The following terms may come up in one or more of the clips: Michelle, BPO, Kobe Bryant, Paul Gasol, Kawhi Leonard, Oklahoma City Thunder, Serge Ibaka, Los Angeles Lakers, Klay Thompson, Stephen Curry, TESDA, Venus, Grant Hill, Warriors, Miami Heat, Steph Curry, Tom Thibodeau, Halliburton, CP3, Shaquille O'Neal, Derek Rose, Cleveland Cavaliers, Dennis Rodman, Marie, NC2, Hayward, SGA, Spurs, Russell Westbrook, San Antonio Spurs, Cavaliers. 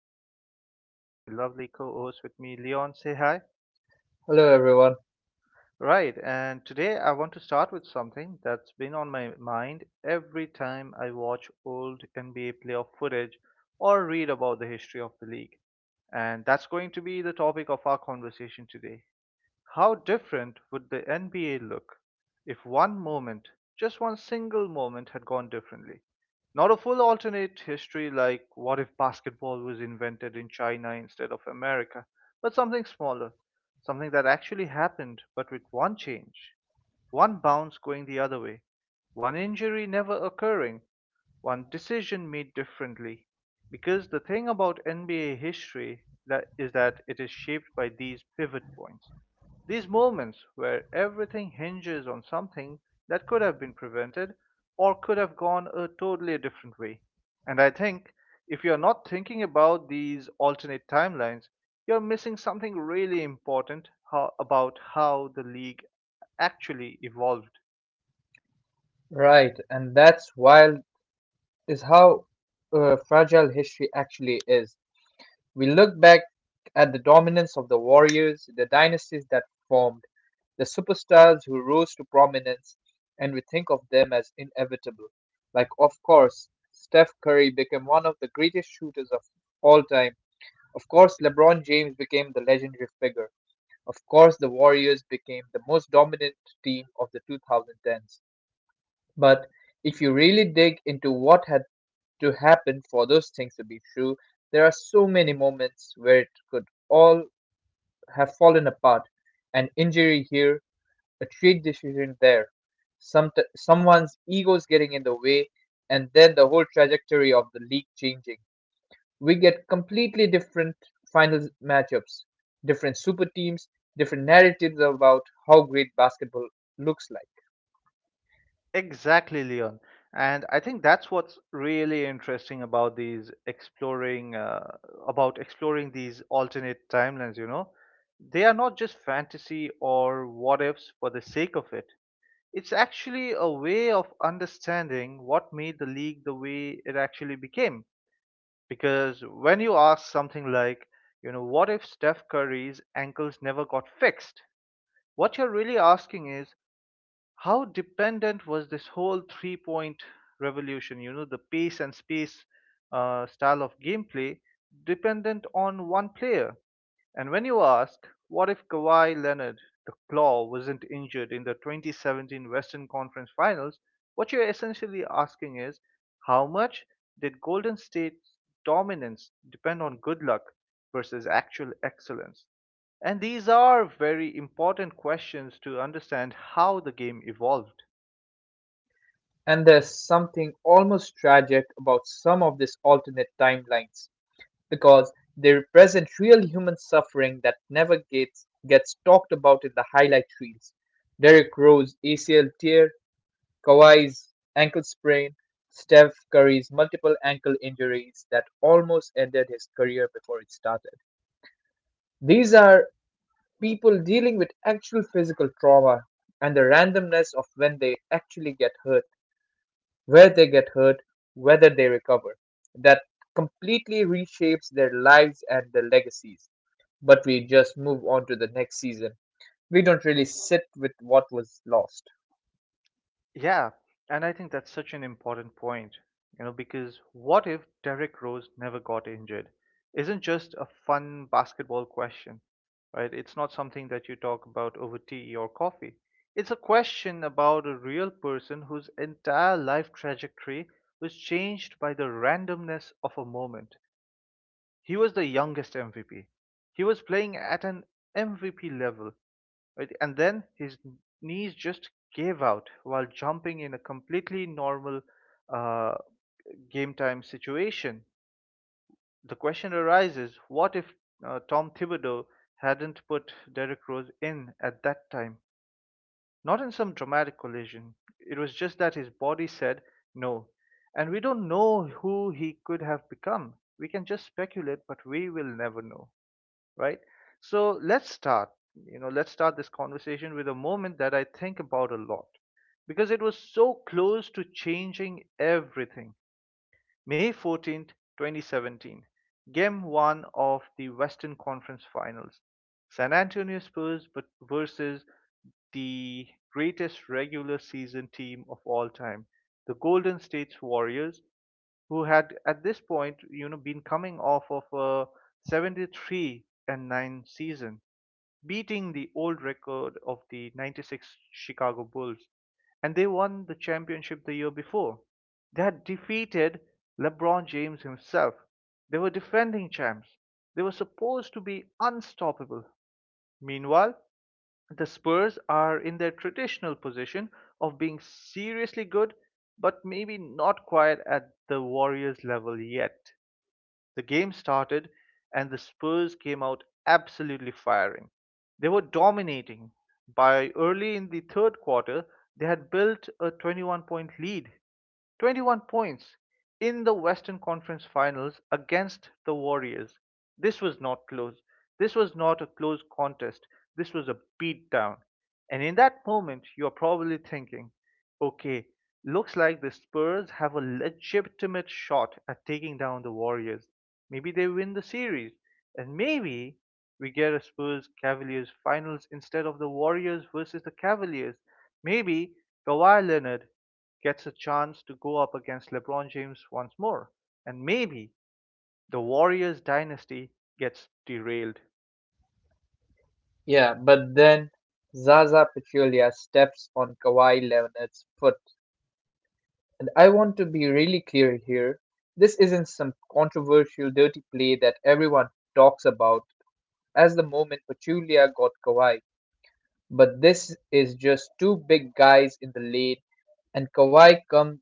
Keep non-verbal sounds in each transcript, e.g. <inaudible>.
as usual, I have my lovely co host with me, Leon. Say hi. Hello, everyone. Right, and today I want to start with something that's been on my mind every time I watch old NBA playoff footage or read about the history of the league. And that's going to be the topic of our conversation today how different would the NBA look if one moment, just one single moment, had gone differently? Not a full alternate history like what if basketball was invented in China instead of America, but something smaller, something that actually happened, but with one change, one bounce going the other way, one injury never occurring, one decision made differently. Because the thing about NBA history that is that it is shaped by these pivot points. These moments where everything hinges on something that could have been prevented or could have gone a totally different way. And I think if you're not thinking about these alternate timelines, you're missing something really important about how the league actually evolved. Right, and that's wild is how fragile history actually is. We look back at the dominance of the warriors, the dynasties that formed, the superstars who rose to prominence, and we think of them as inevitable. Like, of course, Steph Curry became one of the greatest shooters of all time. Of course, LeBron James became the legendary figure. Of course, the Warriors became the most dominant team of the 2010s. But if you really dig into what had to happen for those things to be true, there are so many moments where it could all have fallen apart. An injury here, a trade decision there, some someone's ego's getting in the way, and then the whole trajectory of the league changing. We get completely different final matchups, different super teams, different narratives about how great basketball looks like. Exactly, Leon. And I think that's what's really interesting about these exploring about exploring these alternate timelines. They are not just fantasy or what ifs for the sake of it. It's actually a way of understanding what made the league the way it actually became. Because when you ask something like, you know, what if Steph Curry's ankles never got fixed? What you're really asking is how dependent was this whole 3-point revolution, the pace and space style of gameplay, dependent on one player? And when you ask, what if Kawhi Leonard, the Claw, wasn't injured in the 2017 Western Conference Finals, what you're essentially asking is, how much did Golden State's dominance depend on good luck versus actual excellence? And these are very important questions to understand how the game evolved. And there's something almost tragic about some of these alternate timelines because they represent real human suffering that never gets talked about in the highlight reels. Derek Rose ACL tear, Kawhi's ankle sprain, Steph Curry's multiple ankle injuries that almost ended his career before it started. These are people dealing with actual physical trauma and the randomness of when they actually get hurt where they get hurt, whether they recover. That completely reshapes their lives and their legacies. But we just move on to the next season. We don't really sit with what was lost. Yeah, and I think that's such an important point, because what if Derrick Rose never got injured? Isn't just a fun basketball question, right? It's not something that you talk about over tea or coffee. It's a question about a real person whose entire life trajectory was changed by the randomness of a moment. He was the youngest MVP. He was playing at an MVP level, right? And then his knees just gave out while jumping in a completely normal uh, game time situation. The question arises what if Tom Thibodeau hadn't put Derrick Rose in at that time? Not in some dramatic collision. It was just that his body said no. And we don't know who he could have become. We can just speculate, but we will never know, right? So let's let's start this conversation with a moment that I think about a lot because it was so close to changing everything. May 14th, 2017, game one of the Western Conference Finals. San Antonio Spurs but versus the greatest regular season team of all time, the Golden State Warriors, who had at this point, been coming off of a 73-9 season, beating the old record of the '96 Chicago Bulls. And they won the championship the year before. They had defeated LeBron James himself. They were defending champs. They were supposed to be unstoppable. Meanwhile, the Spurs are in their traditional position of being seriously good, but maybe not quite at the Warriors level yet. The game started, and the Spurs came out absolutely firing. They were dominating. By early in the third quarter, they had built a 21 point lead, 21 points in the Western Conference Finals against the Warriors. This was not close. This was not a close contest. This was a beatdown. And in that moment, you're probably thinking, okay, looks like the Spurs have a legitimate shot at taking down the Warriors. Maybe they win the series. And maybe we get a Spurs Cavaliers finals instead of the Warriors versus the Cavaliers. Maybe Kawhi Leonard gets a chance to go up against LeBron James once more. And maybe the Warriors dynasty gets derailed. Yeah, but then Zaza Pachulia steps on Kawhi Leonard's foot. And I want to be really clear here. This isn't some controversial dirty play that everyone talks about. As the moment Pachulia got Kawhi. But this is just two big guys in the lane, and Kawhi come,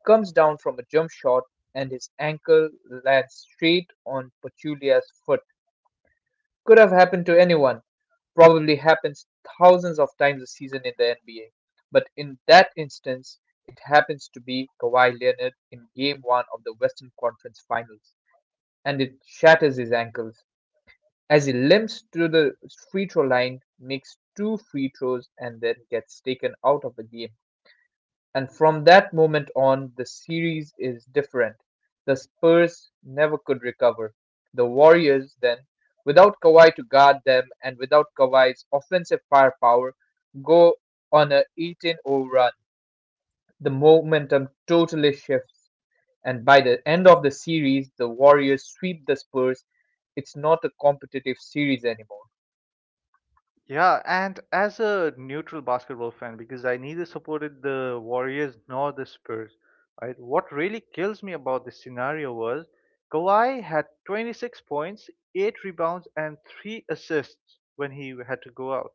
comes down from a jump shot, and his ankle lands straight on Pachulia's foot. Could have happened to anyone. Probably happens thousands of times a season in the NBA. But in that instance, it happens to be Kawhi Leonard in Game 1 of the Western Conference Finals, and it shatters his ankle as he limps to the free throw line, makes two free throws, and then gets taken out of the game. And from that moment on, the series is different. The Spurs never could recover. The Warriors, then, without Kawhi to guard them and without Kawhi's offensive firepower, go on a 18-0 run. The momentum totally shifts, and by the end of the series, the Warriors sweep the Spurs. It's not a competitive series anymore. Yeah, and as a neutral basketball fan, because I neither supported the Warriors nor the Spurs, right? What really kills me about this scenario was Kawhi had 26 points, 8 rebounds, and 3 assists when he had to go out.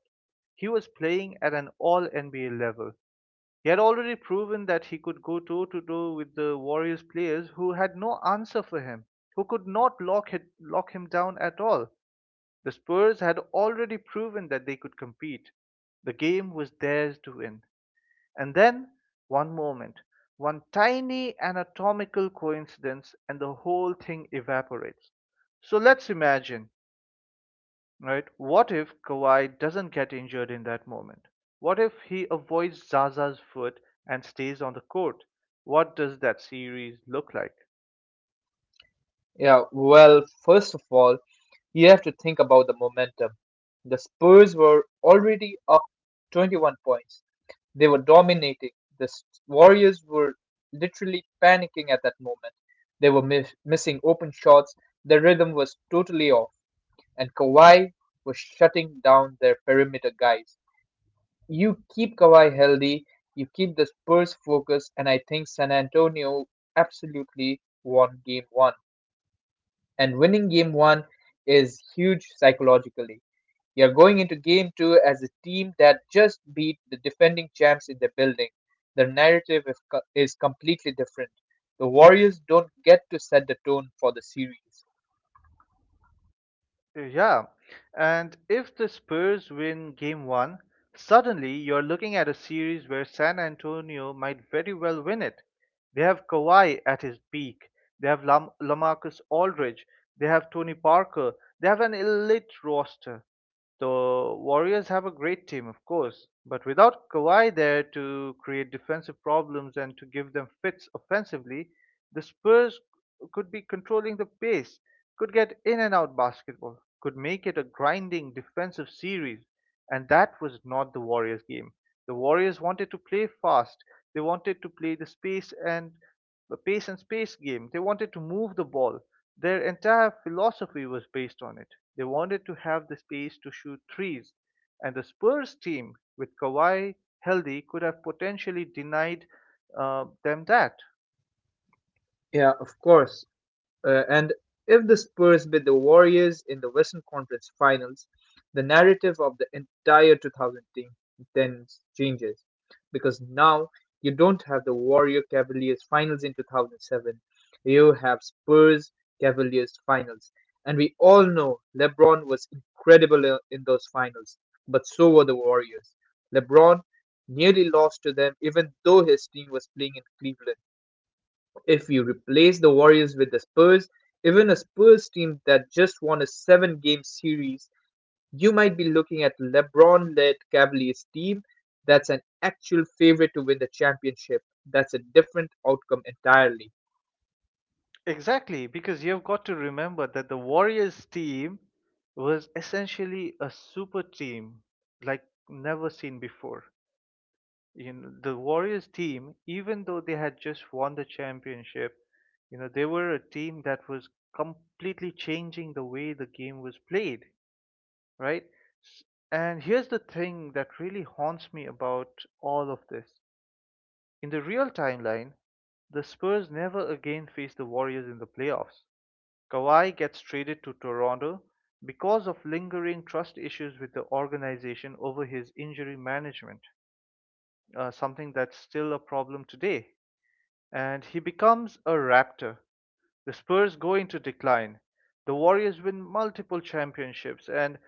He was playing at an all NBA level. He had already proven that he could go toe to toe with the Warriors players who had no answer for him, who could not lock him down at all. The Spurs had already proven that they could compete. The game was theirs to win. And then, one moment, one tiny anatomical coincidence, and the whole thing evaporates. So let's imagine, right? What if Kawhi doesn't get injured in that moment? What if he avoids Zaza's foot and stays on the court? What does that series look like? Yeah, well, first of all, you have to think about the momentum. The Spurs were already up 21 points. They were dominating. The Warriors were literally panicking at that moment. They were missing open shots. Their rhythm was totally off. And Kawhi was shutting down their perimeter guys. You keep Kawhi healthy, you keep the Spurs focused, and I think San Antonio absolutely won game one, and winning game one is huge psychologically. You're going into game two as a team that just beat the defending champs in the building. The narrative is completely different. The Warriors don't get to set the tone for the series. Yeah, and if the Spurs win game one, suddenly you're looking at a series where San Antonio might very well win it. They have Kawhi at his peak, they have Lamarcus Aldridge, they have Tony Parker, they have an elite roster. The Warriors have a great team, of course, but without Kawhi there to create defensive problems and to give them fits offensively, the Spurs could be controlling the pace, could get in and out basketball, could make it a grinding defensive series. And that was not the Warriors' game. The Warriors wanted to play fast, they wanted to play the space and a pace and space game. They wanted to move the ball. Their entire philosophy was based on it. They wanted to have the space to shoot threes. And the Spurs team, with Kawhi healthy, could have potentially denied them that. Yeah, of course. And if the Spurs beat the Warriors in the Western Conference Finals, the narrative of the entire 2010 changes because now you don't have the Warrior Cavaliers Finals in 2007. You have Spurs Cavaliers Finals. And we all know LeBron was incredible in those finals, but so were the Warriors. LeBron nearly lost to them even though his team was playing in Cleveland. If you replace the Warriors with the Spurs, even a Spurs team that just won a seven game series, you might be looking at LeBron led Cavaliers team that's an actual favorite to win the championship. That's a different outcome entirely. Exactly, because you've got to remember that the Warriors team was essentially a super team like never seen before. You know, the Warriors team, even though they had just won the championship, you know they were a team that was completely changing the way the game was played, right? S- And here's the thing that really haunts me about all of this. In the real timeline, the Spurs never again face the Warriors in the playoffs. Kawhi gets traded to Toronto because of lingering trust issues with the organization over his injury management, something that's still a problem today and he becomes a Raptor. The Spurs go into decline. The Warriors win multiple championships, and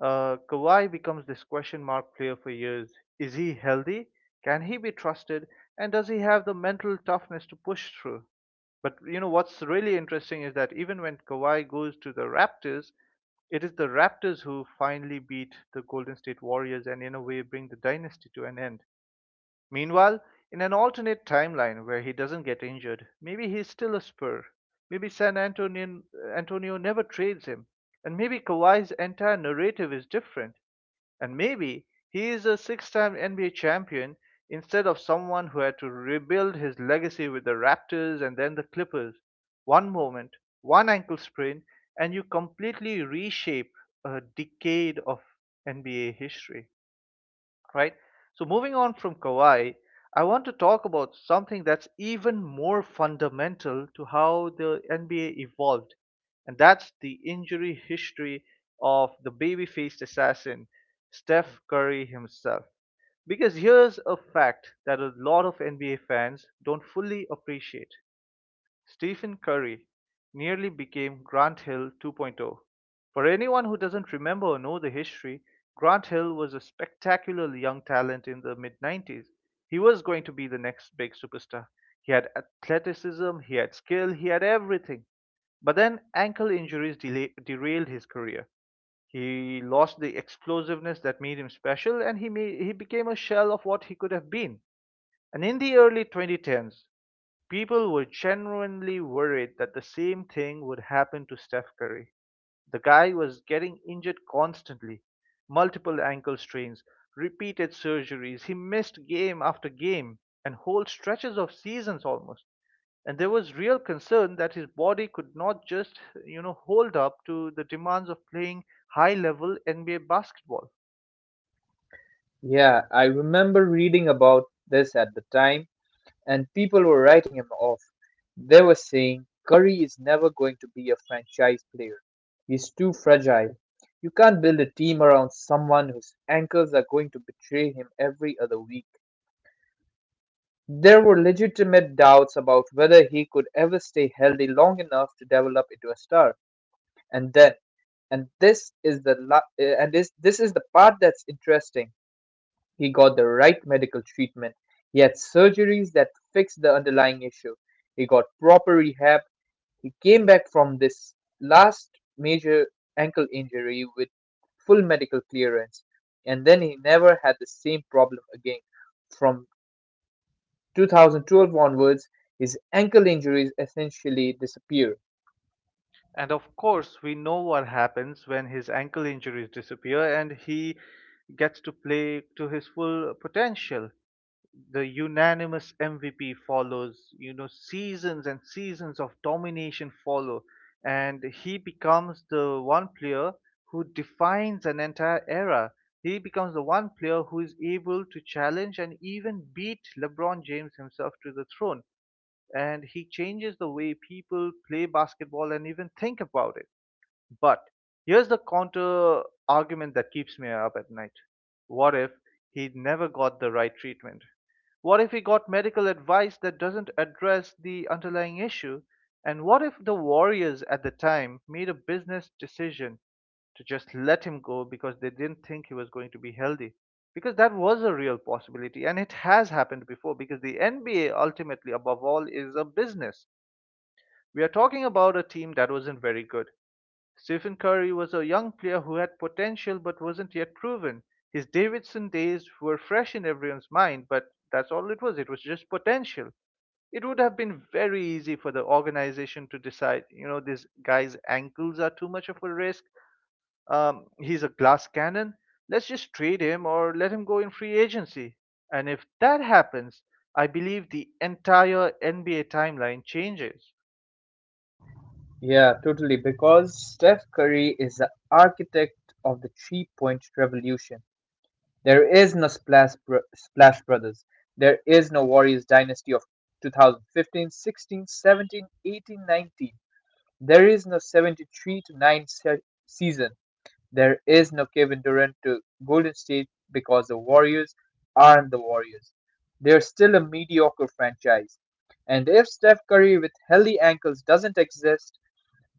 Kawhi becomes this question mark player for years. Is he healthy? Can he be trusted? And does he have the mental toughness to push through? But you know what's really interesting is that even when Kawhi goes to the Raptors, it is the Raptors who finally beat the Golden State Warriors and in a way bring the dynasty to an end. Meanwhile, in an alternate timeline where he doesn't get injured, maybe he's still a spur. Maybe San Antonio never trades him. And maybe Kawhi's entire narrative is different. And maybe he is a six time NBA champion instead of someone who had to rebuild his legacy with the Raptors and then the Clippers. One moment, one ankle sprain, and you completely reshape a decade of NBA history, right? So moving on from Kauai, I want to talk about something that's even more fundamental to how the NBA evolved, and that's the injury history of the baby-faced assassin, Steph Curry himself. Because here's a fact that a lot of NBA fans don't fully appreciate. Stephen Curry nearly became Grant Hill 2.0. For anyone who doesn't remember or know the history, Grant Hill was a spectacular young talent in the mid '90s. He was going to be the next big superstar. He had athleticism, he had skill, he had everything. But then ankle injuries derailed his career. He lost the explosiveness that made him special and he became a shell of what he could have been. And in the early 2010s, people were genuinely worried that the same thing would happen to Steph Curry. The guy was getting injured constantly multiple ankle strains, repeated surgeries. He missed game after game and whole stretches of seasons almost. And there was real concern that his body could not just hold up to the demands of playing high level NBA basketball. Yeah, I remember reading about this at the time, and people were writing him off. They were saying Curry is never going to be a franchise player. He's too fragile. You can't build a team around someone whose ankles are going to betray him every other week. There were legitimate doubts about whether he could ever stay healthy long enough to develop into a star. And then, and this is the la- and this is the part that's interesting. He got the right medical treatment. He had surgeries that fixed the underlying issue. He got proper rehab. He came back from this last major ankle injury with full medical clearance. And then he never had the same problem again. From 2012 onwards, his ankle injuries essentially disappeared. And of course, we know what happens when his ankle injuries disappear and he gets to play to his full potential. The unanimous MVP follows, seasons and seasons of domination follow, and he becomes the one player who defines an entire era. He becomes the one player who is able to challenge and even beat LeBron James himself to the throne. And he changes the way people play basketball and even think about it. But here's the counter argument that keeps me up at night. What if he never got the right treatment? What if he got medical advice that doesn't address the underlying issue? And what if the Warriors at the time made a business decision to just let him go because they didn't think he was going to be healthy? Because that was a real possibility and it has happened before because the NBA ultimately, above all, is a business. We are talking about a team that wasn't very good. Stephen Curry was a young player who had potential but wasn't yet proven. His Davidson days were fresh in everyone's mind, but that's all it was. It was just potential. It would have been very easy for the organization to decide, you know, this guy's ankles are too much of a risk. He's a glass cannon. Let's just trade him or let him go in free agency. And if that happens, I believe the entire NBA timeline changes. Yeah, totally. Because Steph Curry is the architect of the 3-point revolution. There is no Splash Brothers. There is no Warriors Dynasty of 2015, 16, 17, 18, 19. There is no 73 to 9 season. There is no Kevin Durant to Golden State because the Warriors aren't the Warriors. They're still a mediocre franchise. And if Steph Curry with healthy ankles doesn't exist,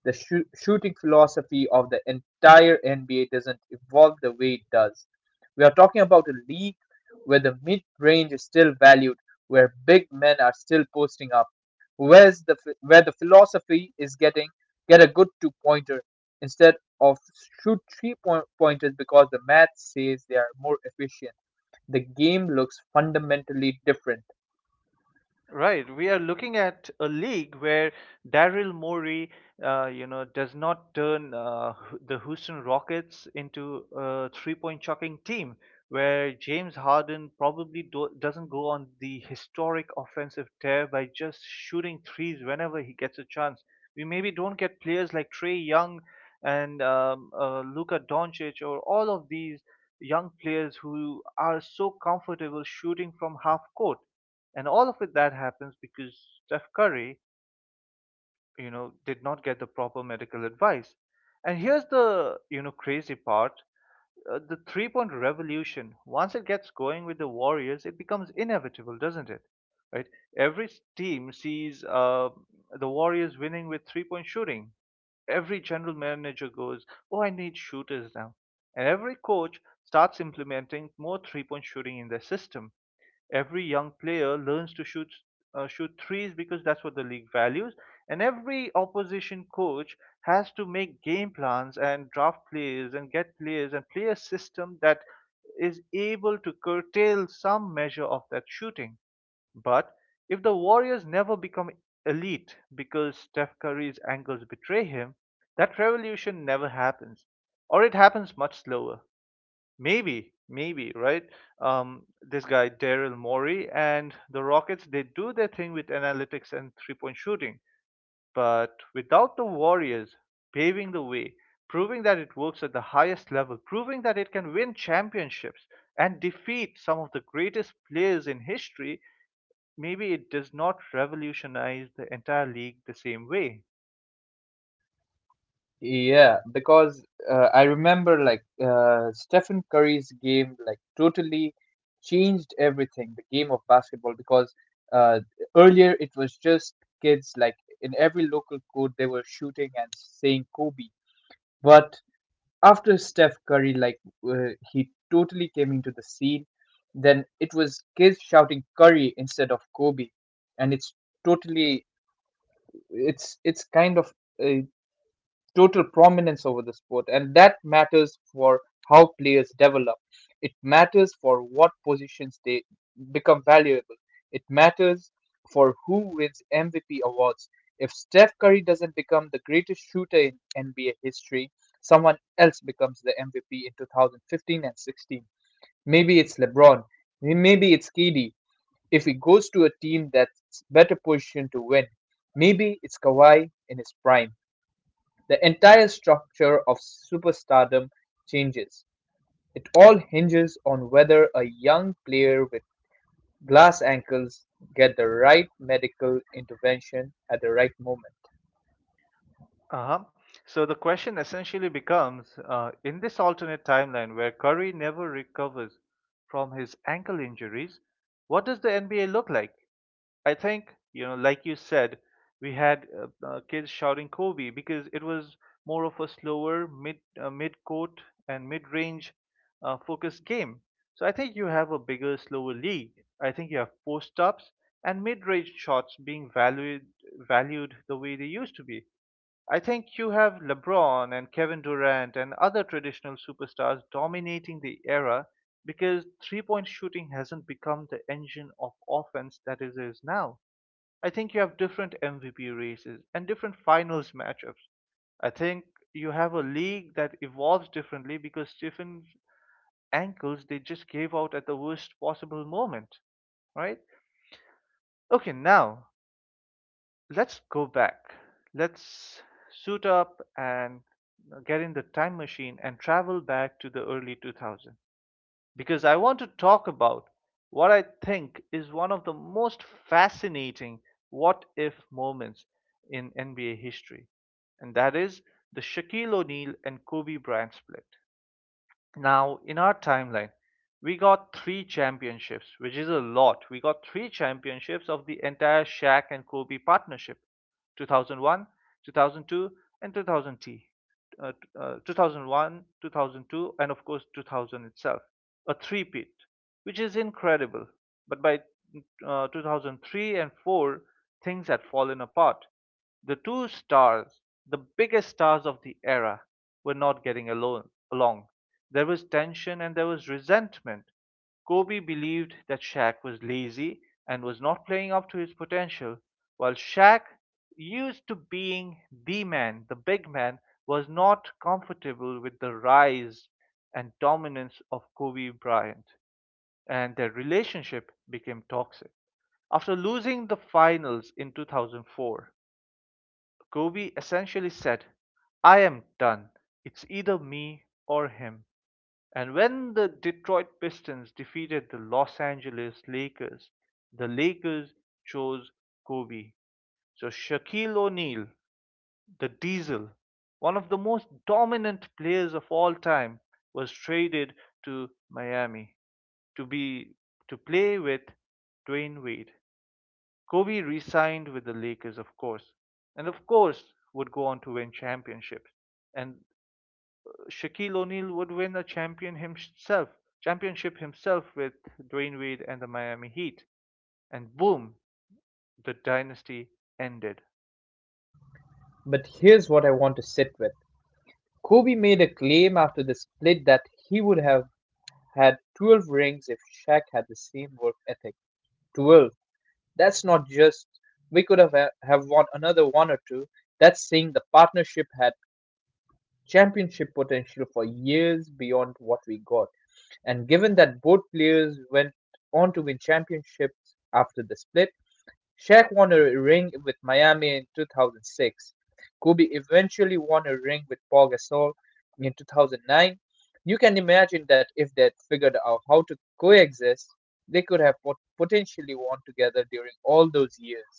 the shooting philosophy of the entire NBA doesn't evolve the way it does. We are talking about a league where the mid range is still valued, where big men are still posting up, where the philosophy is getting get a good two pointer instead of shoot 3-point pointers because the math says they are more efficient. The game looks fundamentally different. Right, we are looking at a league where Daryl Morey, you know, does not turn the Houston Rockets into a three-point chucking team, where James Harden probably doesn't go on the historic offensive tear by just shooting threes whenever he gets a chance. We maybe don't get players like Trey Young and Luka Doncic or all of these young players who are so comfortable shooting from half court, and all of it that happens because Steph Curry, you know, did not get the proper medical advice. And here's the, you know, crazy part. The three point revolution, once it gets going with the Warriors, it becomes inevitable, doesn't it? Right? Every team sees the Warriors winning with three point shooting. Every general manager goes, "Oh, I need shooters now." And every coach starts implementing more three point shooting in their system. Every young player learns to shoot threes because that's what the league values, and every opposition coach has to make game plans and draft players and get players and play a system that is able to curtail some measure of that shooting. But if the Warriors never become elite because Steph Curry's angles betray him, that revolution never happens, or it happens much slower. Maybe, right? This guy Daryl Morey and the Rockets, they do their thing with analytics and three-point shooting, but without the Warriors paving the way, proving that it works at the highest level, proving that it can win championships and defeat some of the greatest players in history, maybe it does not revolutionize the entire league the same way. Yeah, because I remember like Stephen Curry's game like totally changed everything, the game of basketball, because uh, earlier it was just kids like in every local court they were shooting and saying Kobe. But after Steph Curry like he totally came into the scene, then it was kids shouting Curry instead of Kobe, and totally it's kind of uh, total prominence over the sport, and that matters for how players develop. It matters for what positions they become valuable. It matters for who wins MVP awards. If Steph Curry doesn't become the greatest shooter in NBA history, someone else becomes the MVP in 2015 and 16. Maybe it's LeBron. Maybe it's KD. If he goes to a team that's better positioned to win, maybe it's Kawhi in his prime. The entire structure of superstardom changes; it all hinges on whether a young player with glass ankles get the right medical intervention at the right moment. Uh-huh. So the question essentially becomes, in this alternate timeline where Curry never recovers from his ankle injuries, what does the NBA look like? I think, you know, like you said, we had kids shouting Kobe because it was more of a slower mid-court and mid-range focused game. So I think you have a bigger, slower league. I think you have post-ups and mid-range shots being valued the way they used to be. I think you have LeBron and Kevin Durant and other traditional superstars dominating the era because three point shooting hasn't become the engine of offense that it is now. I think you have different MVP races and different finals matchups. I think you have a league that evolves differently because Stephen's ankles, they just gave out at the worst possible moment, right? Okay, now let's go back. Let's suit up and get in the time machine and travel back to the early 2000s because I want to talk about what I think is one of the most fascinating what if moments in NBA history, and that is the Shaquille O'Neal and Kobe Bryant split. Now, in our timeline, we got three championships, which is a lot. We got three championships of the entire Shaq and Kobe partnership: 2001, 2002, and 2000 Uh, uh, 2001, 2002, and of course 2000 itself. A three-peat, which is incredible. But by 2003 and 4, things had fallen apart. The two stars, the biggest stars of the era, were not getting alone, along. There was tension and there was resentment. Kobe believed that Shaq was lazy and was not playing up to his potential, while Shaq, used to being the man, the big man, was not comfortable with the rise and dominance of Kobe Bryant, and their relationship became toxic. After losing the finals in 2004, Kobe essentially said, "I am done. It's either me or him." And when the Detroit Pistons defeated the Los Angeles Lakers, the Lakers chose Kobe. So Shaquille O'Neal, the Diesel, one of the most dominant players of all time, was traded to Miami to be to play with Dwayne Wade. Kobe re-signed with the Lakers, of course, and of course would go on to win championships. And Shaquille O'Neal would win a champion himself, championship himself with Dwayne Wade and the Miami Heat. And boom, the dynasty ended. But here's what I want to sit with. Kobe made a claim after the split that he would have had 12 rings if Shaq had the same work ethic. 12. That's not just we could have won another one or two. That's saying the partnership had championship potential for years beyond what we got. And given that both players went on to win championships after the split, Shaq won a ring with Miami in 2006. Kobe eventually won a ring with Paul Gasol in 2009. You can imagine that if they'd figured out how to coexist, they could have potentially won together during all those years.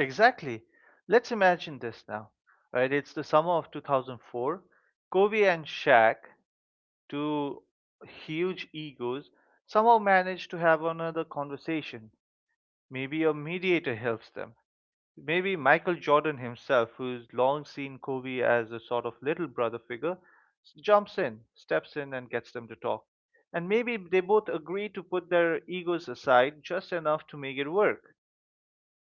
Exactly. Let's imagine this now. Right, it's the summer of 2004. Kobe and Shaq, two huge egos, somehow manage to have another conversation. Maybe a mediator helps them. Maybe Michael Jordan himself, who's long seen Kobe as a sort of little brother figure, steps in, and gets them to talk. And maybe they both agree to put their egos aside just enough to make it work.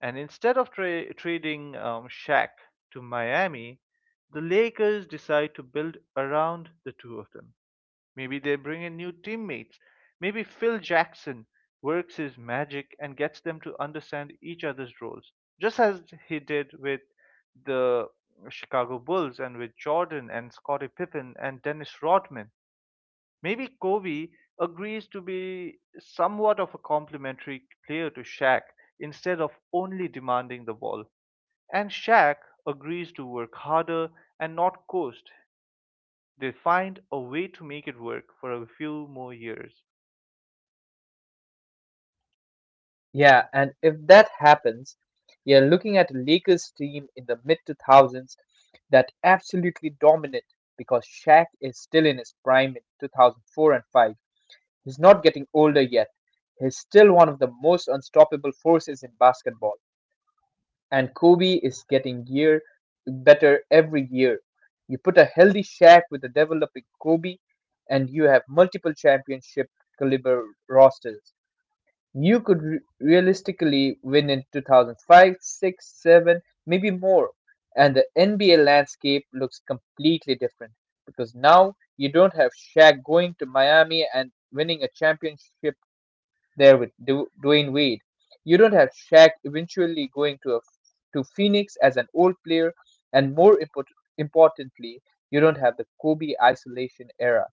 And instead of trading Shaq to Miami, the Lakers decide to build around the two of them. Maybe they bring in new teammates. Maybe Phil Jackson works his magic and gets them to understand each other's roles, just as he did with the Chicago Bulls and with Jordan and Scottie Pippen and Dennis Rodman. Maybe Kobe agrees to be somewhat of a complementary player to Shaq instead of only demanding the ball. And Shaq agrees to work harder and not coast. They find a way to make it work for a few more years. Yeah, and if that happens, you're looking at a Lakers team in the mid 2000s that absolutely dominant because Shaq is still in his prime in 2004 and 5. He's not getting older yet. He's still one of the most unstoppable forces in basketball. And Kobe is getting year better every year. You put a healthy Shaq with a developing Kobe and you have multiple championship caliber rosters. You could realistically win in 2005, 6, 7, maybe more. And the NBA landscape looks completely different because now you don't have Shaq going to Miami and winning a championship there with Dwayne Wade. You don't have Shaq eventually going to Phoenix as an old player, and more importantly, you don't have the Kobe isolation era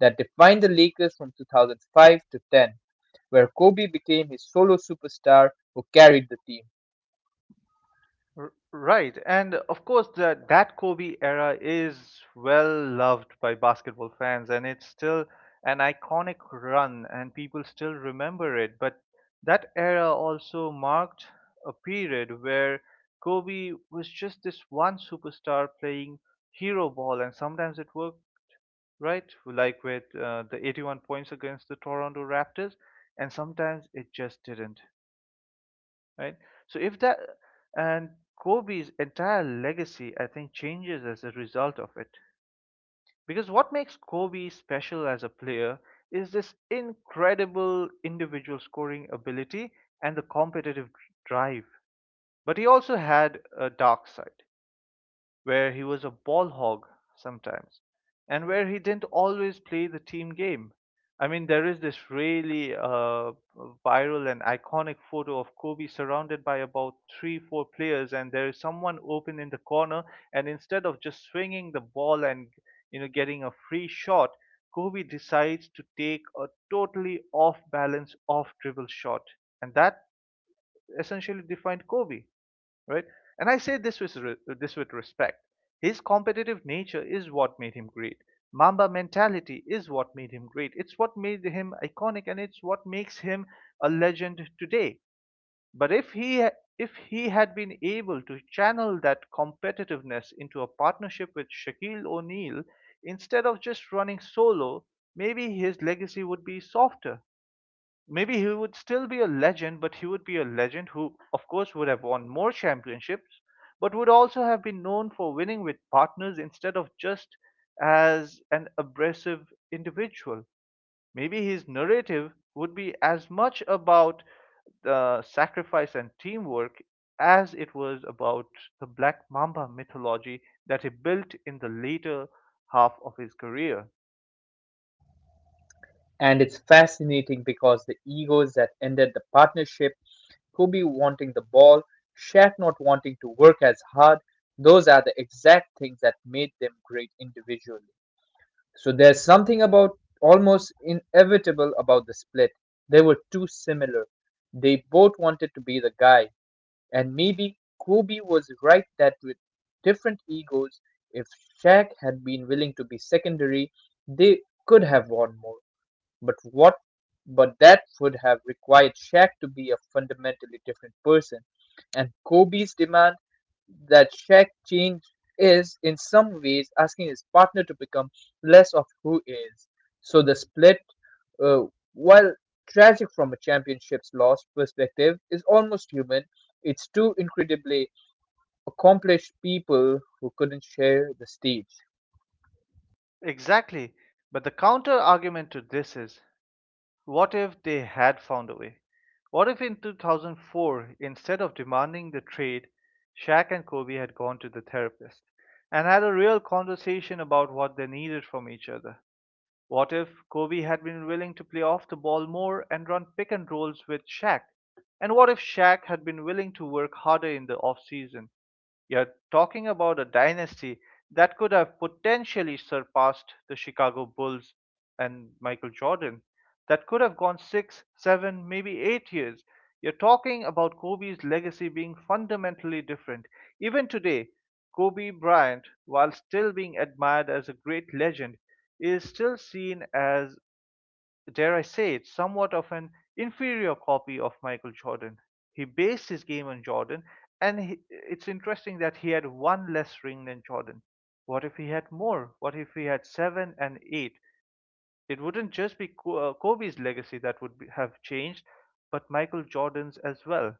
that defined the Lakers from 2005 to 10 where Kobe became his solo superstar who carried the team. Right, and of course that Kobe era is well loved by basketball fans, and it's still an iconic run, and people still remember it. But that era also marked a period where Kobe was just this one superstar playing hero ball, and sometimes it worked, right, like with the 81 points against the Toronto Raptors, and sometimes it just didn't, right? So if that, and Kobe's entire legacy, I think, changes as a result of it. Because what makes Kobe special as a player is this incredible individual scoring ability and the competitive drive. But he also had a dark side where he was a ball hog sometimes, and where he didn't always play the team game. I mean, there is this really viral and iconic photo of Kobe surrounded by about three, four players, and there is someone open in the corner, and instead of just swinging the ball and, you know, getting a free shot, Kobe decides to take a totally off balance, off dribble shot, and that essentially defined Kobe, right? And I say this with respect. His competitive nature is what made him great. Mamba mentality is what made him great. It's what made him iconic, and it's what makes him a legend today. But if he had been able to channel that competitiveness into a partnership with Shaquille O'Neal instead of just running solo, maybe his legacy would be softer, maybe he would still be a legend, but he would be a legend who, of course, would have won more championships, but would also have been known for winning with partners instead of just as an abrasive individual. Maybe his narrative would be as much about the sacrifice and teamwork as it was about the Black Mamba mythology that he built in the later half of his career. And it's fascinating because the egos that ended the partnership, Kobe wanting the ball, Shaq not wanting to work as hard, those are the exact things that made them great individually. So there's something about almost inevitable about the split. They were too similar. They both wanted to be the guy, and maybe Kobe was right that with different egos, if Shaq had been willing to be secondary, they could have won more. But what but that would have required Shaq to be a fundamentally different person. And Kobe's demand that Shaq Ching is in some ways asking his partner to become less of who is. So the split, uh, while tragic from a championship's loss perspective, is almost human. It's two incredibly accomplished people who couldn't share the stage. Exactly. But the counter argument to this is: what if they had found a way? What if in 2004, instead of demanding the trade, Shaq and Kobe had gone to the therapist and had a real conversation about what they needed from each other? What if Kobe had been willing to play off the ball more and run pick and rolls with Shaq? And what if Shaq had been willing to work harder in the offseason? You're talking about a dynasty that could have potentially surpassed the Chicago Bulls and Michael Jordan, that could have gone six, seven, maybe eight years. You're talking about Kobe's legacy being fundamentally different. Even today, Kobe Bryant, while still being admired as a great legend, is still seen as, dare I say it, somewhat of an inferior copy of Michael Jordan. He based his game on Jordan, and he, it's interesting that he had one less ring than Jordan. What if he had more? What if he had seven and eight? It wouldn't just be Kobe's legacy that would have changed, but Michael Jordan's as well.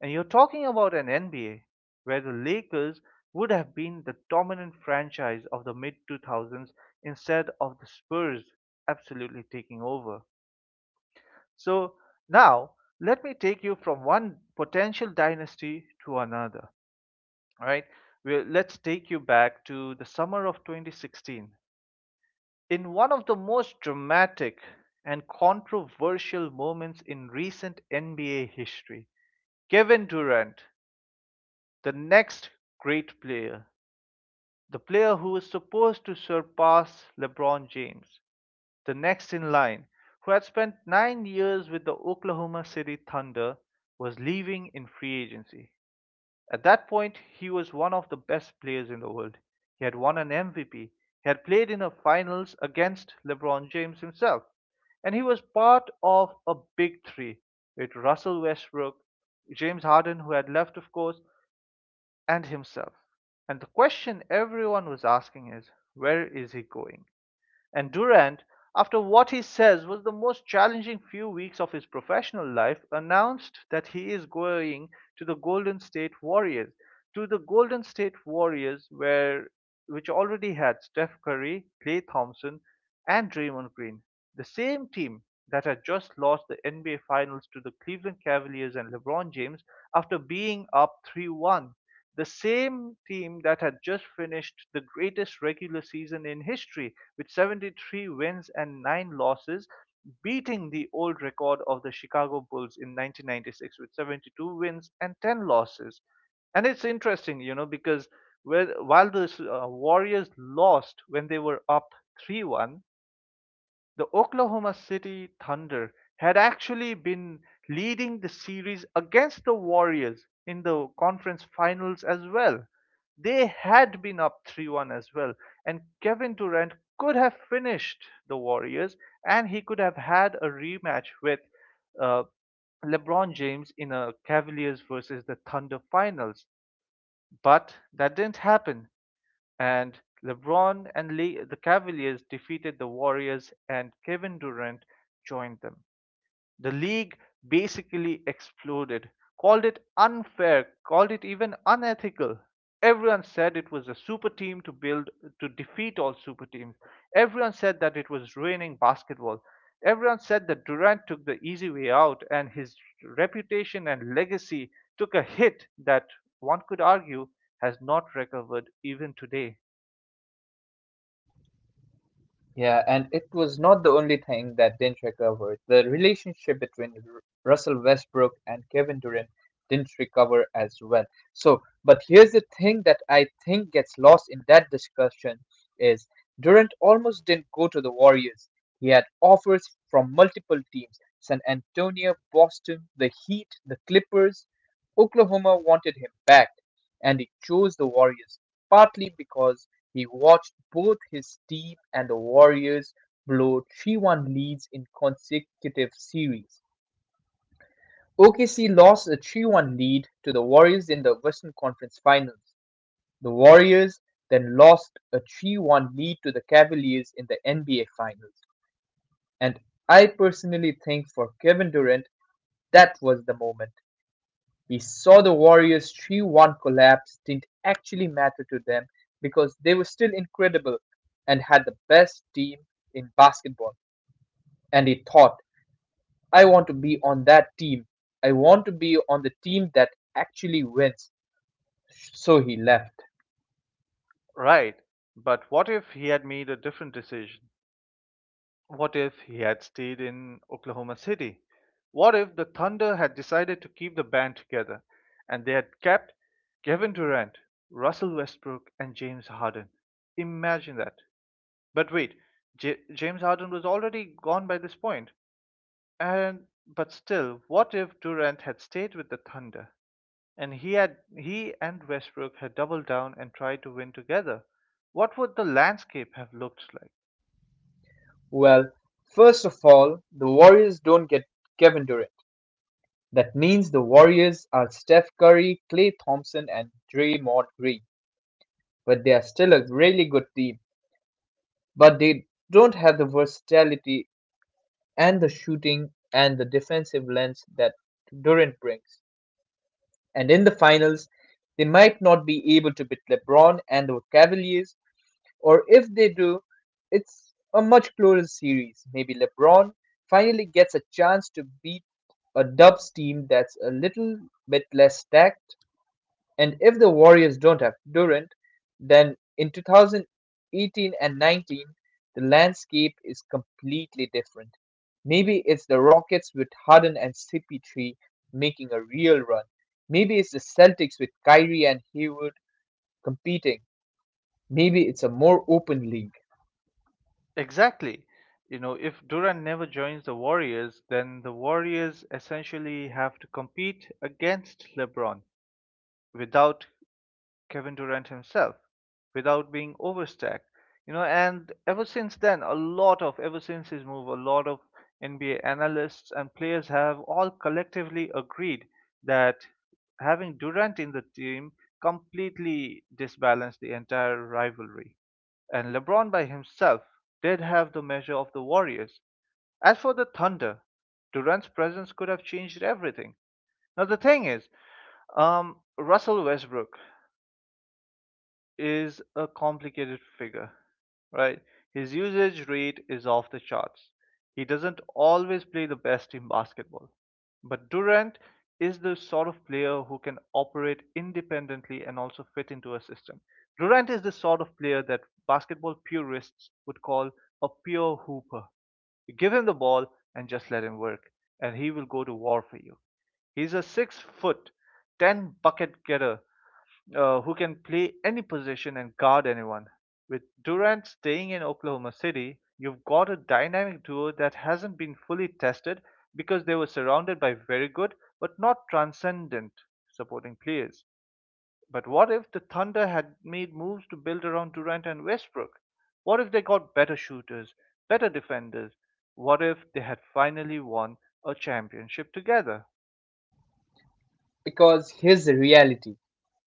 And you're talking about an NBA where the Lakers would have been the dominant franchise of the mid 2000s instead of the Spurs absolutely taking over. So now let me take you from one potential dynasty to another. All right, let's take you back to the summer of 2016. In one of the most dramatic and controversial moments in recent NBA history, Kevin Durant, the next great player, the player who is supposed to surpass LeBron James, the next in line, who had spent 9 years with the Oklahoma City Thunder, was leaving in free agency. At that point, he was one of the best players in the world. He had won an MVP. He had played in a finals against LeBron James himself. And he was part of a big three with Russell Westbrook, James Harden, who had left, of course, and himself. And the question everyone was asking is, where is he going? And Durant, after what he says was the most challenging few weeks of his professional life, announced that he is going to the Golden State Warriors. To the Golden State Warriors, where which already had Steph Curry, Klay Thompson, and Draymond Green, the same team that had just lost the NBA Finals to the Cleveland Cavaliers and LeBron James after being up 3-1, the same team that had just finished the greatest regular season in history with 73 wins and 9 losses, beating the old record of the Chicago Bulls in 1996 with 72 wins and 10 losses. And it's interesting, you know, because while the Warriors lost when they were up 3-1, the Oklahoma City Thunder had actually been leading the series against the Warriors in the conference finals as well. They had been up 3-1 as well, and Kevin Durant could have finished the Warriors, and he could have had a rematch with uh, LeBron James in a Cavaliers versus the Thunder finals. But that didn't happen, and the Cavaliers defeated the Warriors, and Kevin Durant joined them. The league basically exploded, called it unfair, called it even unethical. Everyone said it was a super team to build to defeat all super teams. Everyone said that it was ruining basketball. Everyone said that Durant took the easy way out, and his reputation and legacy took a hit that one could argue has not recovered even today. Yeah, and it was not the only thing that didn't recover. The relationship between Russell Westbrook and Kevin Durant didn't recover as well. So, but here's the thing that I think gets lost in that discussion is Durant almost didn't go to the Warriors. He had offers from multiple teams, San Antonio, Boston, the Heat, the Clippers. Oklahoma wanted him back, and he chose the Warriors partly because he watched both his team and the Warriors blow 3-1 leads in consecutive series. OKC lost a 3-1 lead to the Warriors in the Western Conference Finals. The Warriors then lost a 3-1 lead to the Cavaliers in the NBA Finals. And I personally think for Kevin Durant, that was the moment. We saw the Warriors' 3 1 collapse didn't actually matter to them because they were still incredible and had the best team in basketball. And he thought, I want to be on that team. I want to be on the team that actually wins. So he left. Right. But what if he had made a different decision? What if he had stayed in Oklahoma City? What if the Thunder had decided to keep the band together and they had kept Kevin Durant, Russell Westbrook, and James Harden? Imagine that. But wait, James Harden was already gone by this point. And but still, what if Durant had stayed with the Thunder? And he and Westbrook had doubled down and tried to win together. What would the landscape have looked like? Well, first of all, the Warriors don't get Kevin Durant. That means the Warriors are Steph Curry, Klay Thompson, and Draymond Green, but they are still a really good team, but they don't have the versatility and the shooting and the defensive lens that Durant brings. And in the finals, they might not be able to beat LeBron and the Cavaliers, or if they do, it's a much closer series. Maybe LeBron finally gets a chance to beat a Dubs team that's a little bit less stacked, and if the Warriors don't have Durant, then in 2018 and 19, the landscape is completely different. Maybe it's the Rockets with Harden and CP3 making a real run. Maybe it's the Celtics with Kyrie and Hayward competing. Maybe it's a more open league. Exactly. You know, if Durant never joins the Warriors, then the Warriors essentially have to compete against LeBron without Kevin Durant himself, without being overstacked. You know, and ever since his move, a lot of NBA analysts and players have all collectively agreed that having Durant in the team completely disbalanced the entire rivalry. And LeBron by himself did have the measure of the Warriors. As for the Thunder, Durant's presence could have changed everything. Now, the thing is, Russell Westbrook is a complicated figure, right? His usage rate is off the charts. He doesn't always play the best in basketball. But Durant is the sort of player who can operate independently and also fit into a system. Durant is the sort of player that basketball purists would call a pure hooper. You give him the ball and just let him work, and he will go to war for you. He's a 6 foot, 10 bucket getter who can play any position and guard anyone. With Durant staying in Oklahoma City, you've got a dynamic duo that hasn't been fully tested because they were surrounded by very good but not transcendent supporting players. But what if the Thunder had made moves to build around Durant and Westbrook? What if they got better shooters, better defenders? What if they had finally won a championship together? Because here's the reality,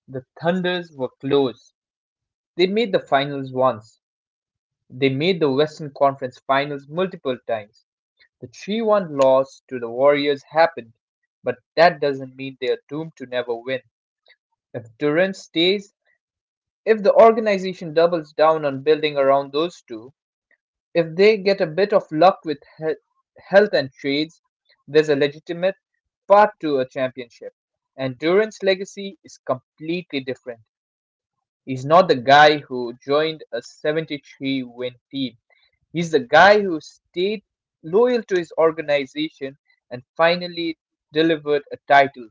the Thunders were close. They made the finals once, they made the Western Conference finals multiple times. The 3-1 loss to the Warriors happened, but that doesn't mean they're doomed to never win. If Durant stays, if the organization doubles down on building around those two, if they get a bit of luck with health and trades, there's a legitimate path to a championship. And Durant's legacy is completely different. He's not the guy who joined a 73 win team. He's the guy who stayed loyal to his organization and finally delivered a title.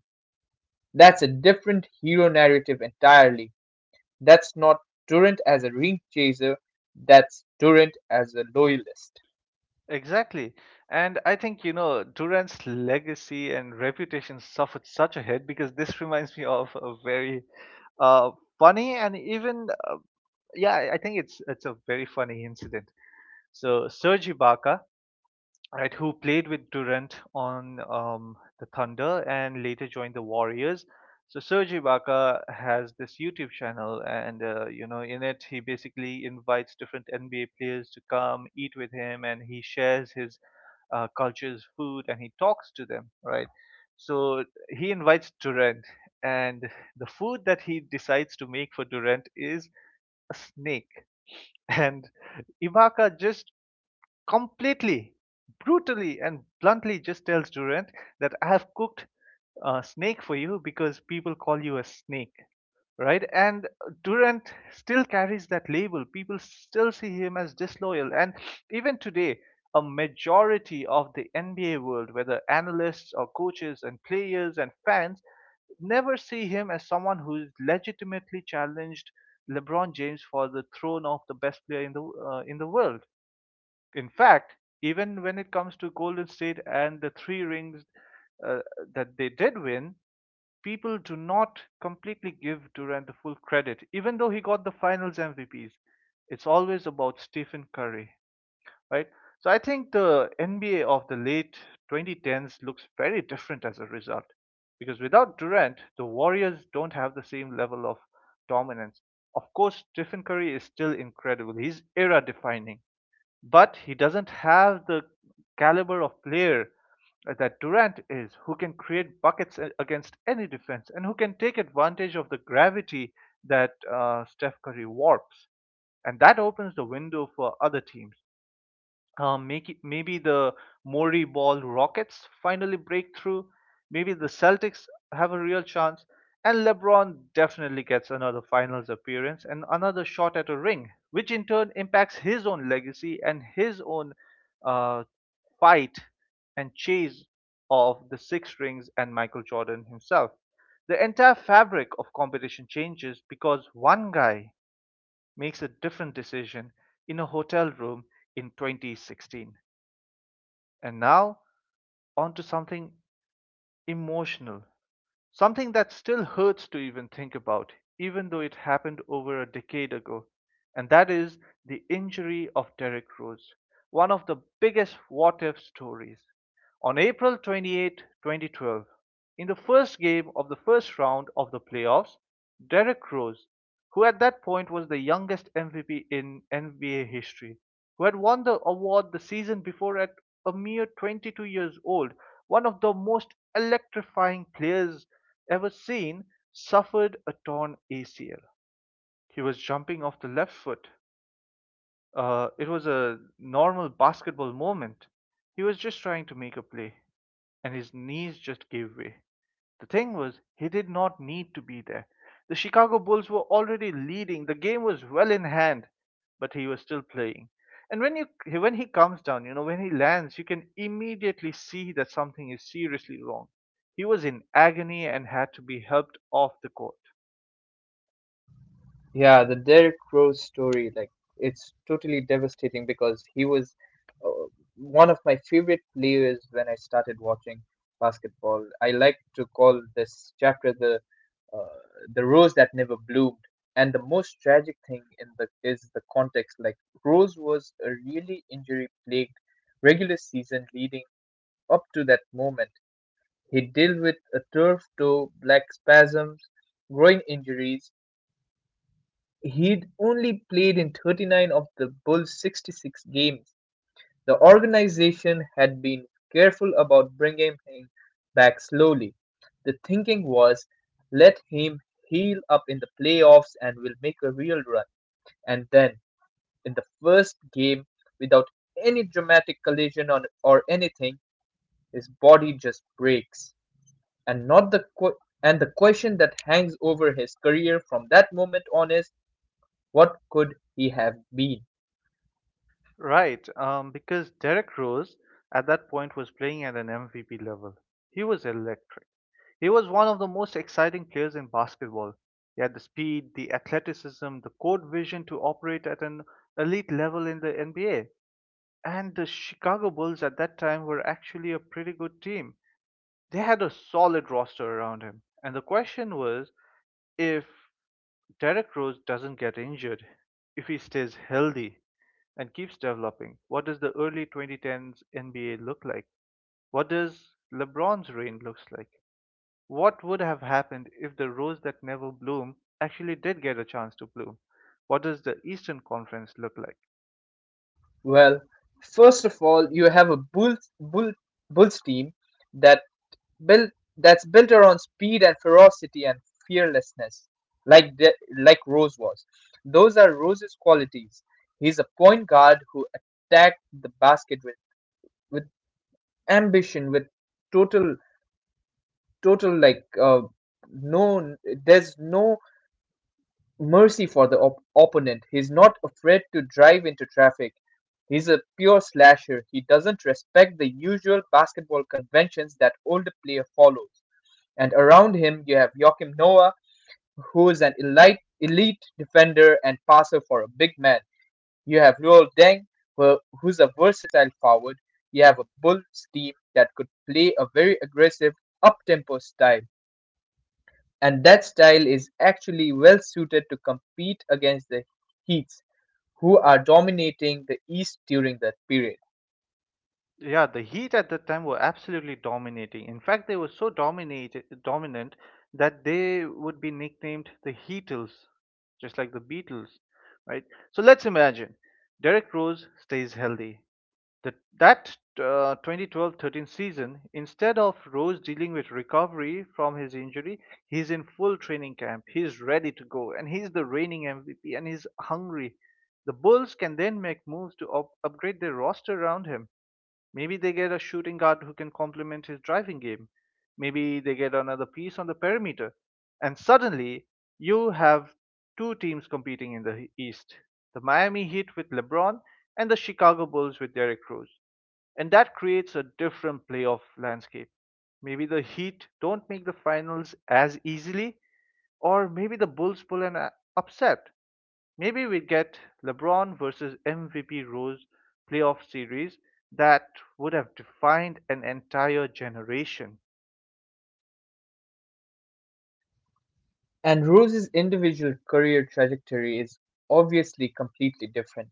That's a different hero narrative entirely. That's not Durant as a ring chaser, that's Durant as a loyalist. Exactly. And I think, you know, Durant's legacy and reputation suffered such a hit because this <laughs> reminds me of a very uh, funny and I think it's a very funny incident. So Serge Ibaka, right, who played with Durant on the Thunder and later joined the Warriors. So Serge Ibaka has this YouTube channel, and you know, in it he basically invites different NBA players to come eat with him, and he shares his cultures, food, and he talks to them, right? So he invites Durant, and the food that he decides to make for Durant is a snake, <laughs> and Ibaka just completely, brutally, and bluntly just tells Durant that I have cooked a snake for you because people call you a snake, right? And Durant still carries that label. People still see him as disloyal. And even today, a majority of the NBA world, whether analysts or coaches and players and fans, never see him as someone who's legitimately challenged LeBron James for the throne of the best player in the world. In fact, even when it comes to Golden State and the three rings uh, that they did win, people do not completely give Durant the full credit, even though he got the finals MVPs. It's always about Stephen Curry, right? So I think the NBA of the late 2010s looks very different as a result, because without Durant, the Warriors don't have the same level of dominance. Of course, Stephen Curry is still incredible. He's era defining. But he doesn't have the caliber of player that Durant is, who can create buckets against any defense and who can take advantage of the gravity that Steph Curry warps. And that opens the window for other teams. Maybe the Mori Ball Rockets finally break through. Maybe the Celtics have a real chance. And LeBron definitely gets another finals appearance and another shot at a ring, which in turn impacts his own legacy and his own uh, fight and chase of the six rings and Michael Jordan himself. The entire fabric of competition changes because one guy makes a different decision in a hotel room in 2016. And now, on to something emotional, something that still hurts to even think about, even though it happened over a decade ago, and that is the injury of Derrick Rose, one of the biggest what if stories. On April 28th, 2012, in the first game of the first round of the playoffs, Derrick Rose, who at that point was the youngest MVP in NBA history, who had won the award the season before at a mere 22 years old, one of the most electrifying players ever seen, suffered a torn ACL. He was jumping off the left foot. It was a normal basketball moment. He was just trying to make a play, and his knees just gave way. The thing was, he did not need to be there. The Chicago Bulls were already leading. The game was well in hand, but he was still playing. And when he comes down, you know, when he lands, you can immediately see that something is seriously wrong. He was in agony and had to be helped off the court. Yeah, the Derrick Rose story, like, it's totally devastating because he was uh, one of my favorite players when I started watching basketball. I like to call this chapter uh, the rose that never bloomed. And the most tragic thing in the is the context. Like, Rose was a really injury-plagued regular season leading up to that moment. He dealt with a turf toe, black spasms, groin injuries. He'd only played in 39 of the Bulls' 66 games; the organization had been careful about bringing him back slowly. The thinking was, let him heal up in the playoffs and we'll make a real run. And then, in the first game, without any dramatic collision on, or anything, his body just breaks. And not the qu- and the question that hangs over his career from that moment on is, what could he have been? Right, because Derrick Rose at that point was playing at an MVP level. He was electric. He was one of the most exciting players in basketball. He had the speed, the athleticism, the court vision to operate at an elite level in the NBA. And the Chicago Bulls at that time were actually a pretty good team. They had a solid roster around him. And the question was, if Derrick Rose doesn't get injured, if he stays healthy and keeps developing, what does the early 2010s NBA look like? What does LeBron's reign looks like? What would have happened if the rose that never bloomed actually did get a chance to bloom? What does the Eastern Conference look like? Well, first of all, you have a Bulls team that built that's built around speed and ferocity and fearlessness, like like Rose was. Those are Rose's qualities. He's a point guard who attacked the basket with ambition, with total total like no, there's no mercy for the opponent. He's not afraid to drive into traffic. He's a pure slasher. He doesn't respect the usual basketball conventions that older player follows. And around him, you have Joachim Noah, who is an elite, elite defender and passer for a big man. You have Luol Deng, who's a versatile forward. You have a Bulls team that could play a very aggressive, up-tempo style. And that style is actually well suited to compete against the Heat who are dominating the East during that period. Yeah, the Heat at that time were absolutely dominating. In fact, they were so dominant that they would be nicknamed the Heatles, just like the Beatles, right? So let's imagine Derek Rose stays healthy. The, that 2012-13 season, instead of Rose dealing with recovery from his injury, he's in full training camp. He's ready to go, and he's the reigning MVP, and he's hungry. The Bulls can then make moves to upgrade their roster around him. Maybe they get a shooting guard who can complement his driving game. Maybe they get another piece on the perimeter. And suddenly, you have two teams competing in the East, the Miami Heat with LeBron and the Chicago Bulls with Derrick Rose, and that creates a different playoff landscape. Maybe the Heat don't make the finals as easily, or maybe the Bulls pull an upset. Maybe we get LeBron versus MVP Rose playoff series that would have defined an entire generation. And Rose's individual career trajectory is obviously completely different.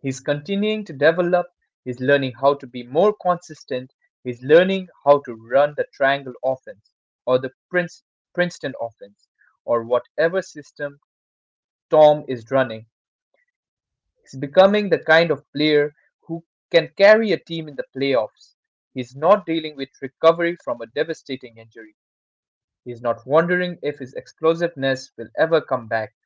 He's continuing to develop, he's learning how to be more consistent, he's learning how to run the triangle offense or the Princeton offense or whatever system Tom is running. He's becoming the kind of player who can carry a team in the playoffs. He's not dealing with recovery from a devastating injury. He's not wondering if his explosiveness will ever come back.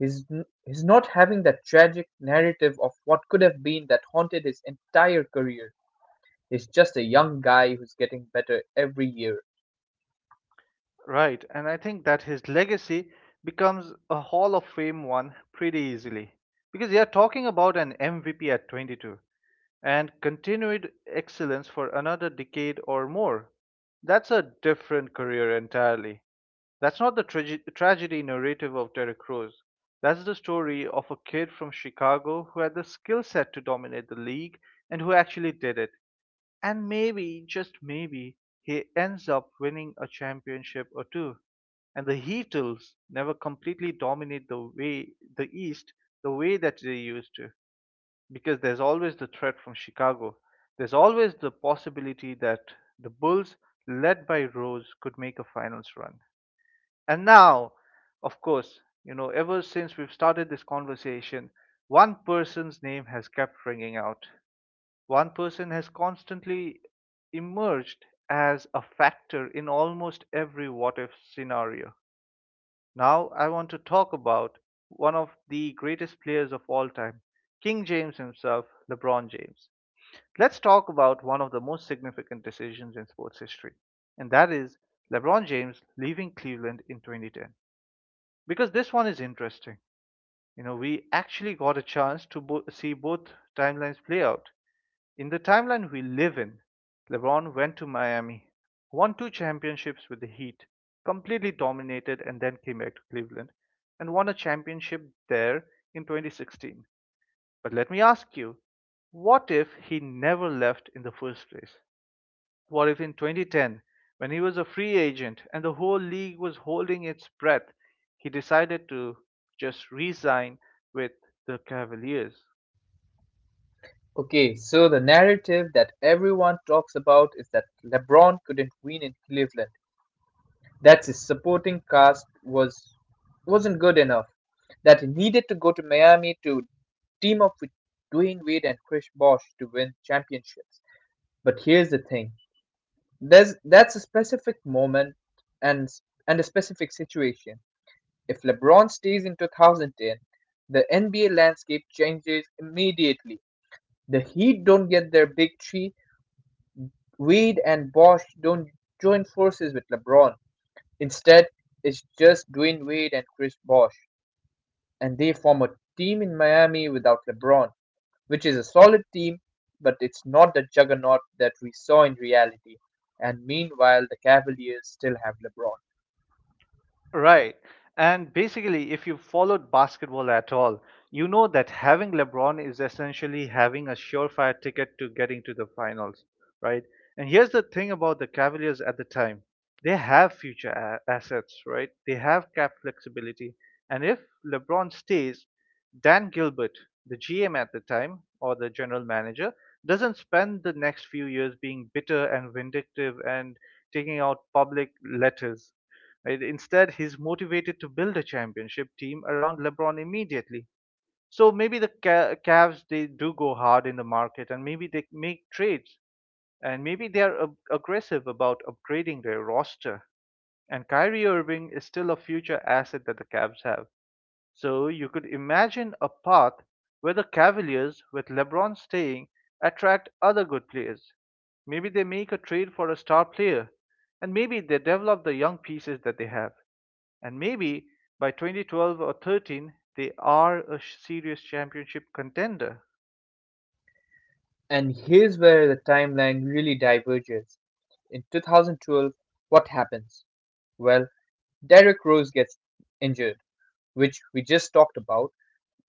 He's, he's not having that tragic narrative of what could have been that haunted his entire career. He's just a young guy who's getting better every year. Right, and I think that his legacy becomes a Hall of Fame one pretty easily. Because you're talking about an MVP at 22, and continued excellence for another decade or more. That's a different career entirely. That's not the tragedy narrative of Terry Crews. That's the story of a kid from Chicago who had the skill set to dominate the league and who actually did it. And maybe, just maybe, he ends up winning a championship or two. And the Heatles never completely dominate the East the way that they used to, because there's always the threat from Chicago. There's always the possibility that the Bulls, led by Rose, could make a finals run. And now, of course, you know, ever since we've started this conversation, one person's name has kept ringing out. One person has constantly emerged as a factor in almost every what if scenario. Now, I want to talk about one of the greatest players of all time, King James himself, LeBron James. Let's talk about one of the most significant decisions in sports history, and that is LeBron James leaving Cleveland in 2010. Because this one is interesting. You know, we actually got a chance to see both timelines play out. In the timeline we live in, LeBron went to Miami, won two championships with the Heat, completely dominated, and then came back to Cleveland and won a championship there in 2016. But let me ask you, what if he never left in the first place? What if in 2010, when he was a free agent and the whole league was holding its breath, he decided to just re sign with the Cavaliers? Okay, so the narrative that everyone talks about is that LeBron couldn't win in Cleveland. That his supporting cast wasn't good enough. That he needed to go to Miami to team up with Dwayne Wade and Chris Bosh to win championships. But here's the thing. There's that's a specific moment and a specific situation. If LeBron stays in 2010, the NBA landscape changes immediately. The Heat don't get their big three. Wade and Bosch don't join forces with LeBron. Instead, it's just Dwayne Wade and Chris Bosh, and they form a team in Miami without LeBron, which is a solid team, but it's not the juggernaut that we saw in reality. And meanwhile, the Cavaliers still have LeBron. Right. And basically, if you followed basketball at all, you know that having LeBron is essentially having a surefire ticket to getting to the finals, right? And here's the thing about the Cavaliers at the time. They have future assets, right? They have cap flexibility. And if LeBron stays, Dan Gilbert, the GM at the time or the general manager, doesn't spend the next few years being bitter and vindictive and taking out public letters. Right? Instead, he's motivated to build a championship team around LeBron immediately. So maybe the Cavs, they do go hard in the market, and maybe they make trades, and maybe they are aggressive about upgrading their roster. And Kyrie Irving is still a future asset that the Cavs have. So you could imagine a path where the Cavaliers, with LeBron staying, attract other good players. Maybe they make a trade for a star player, and maybe they develop the young pieces that they have, and maybe by 2012 or 13 they are a serious championship contender. And here's where the timeline really diverges. In 2012, what happens? Well, Derrick Rose gets injured, which we just talked about.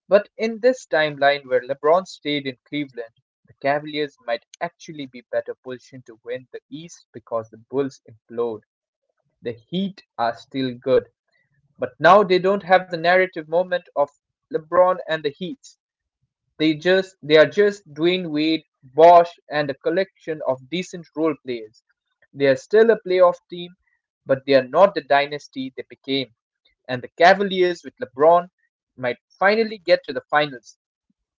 But in this timeline where LeBron stayed in Cleveland, the Cavaliers might actually be better positioned to win the East because the Bulls implode. The Heat are still good, but now they don't have the narrative moment of LeBron and the Heat. They are just Dwayne Wade, Bosch, and a collection of decent role players. They are still a playoff team, but they are not the dynasty they became. And the Cavaliers with LeBron might finally get to the finals.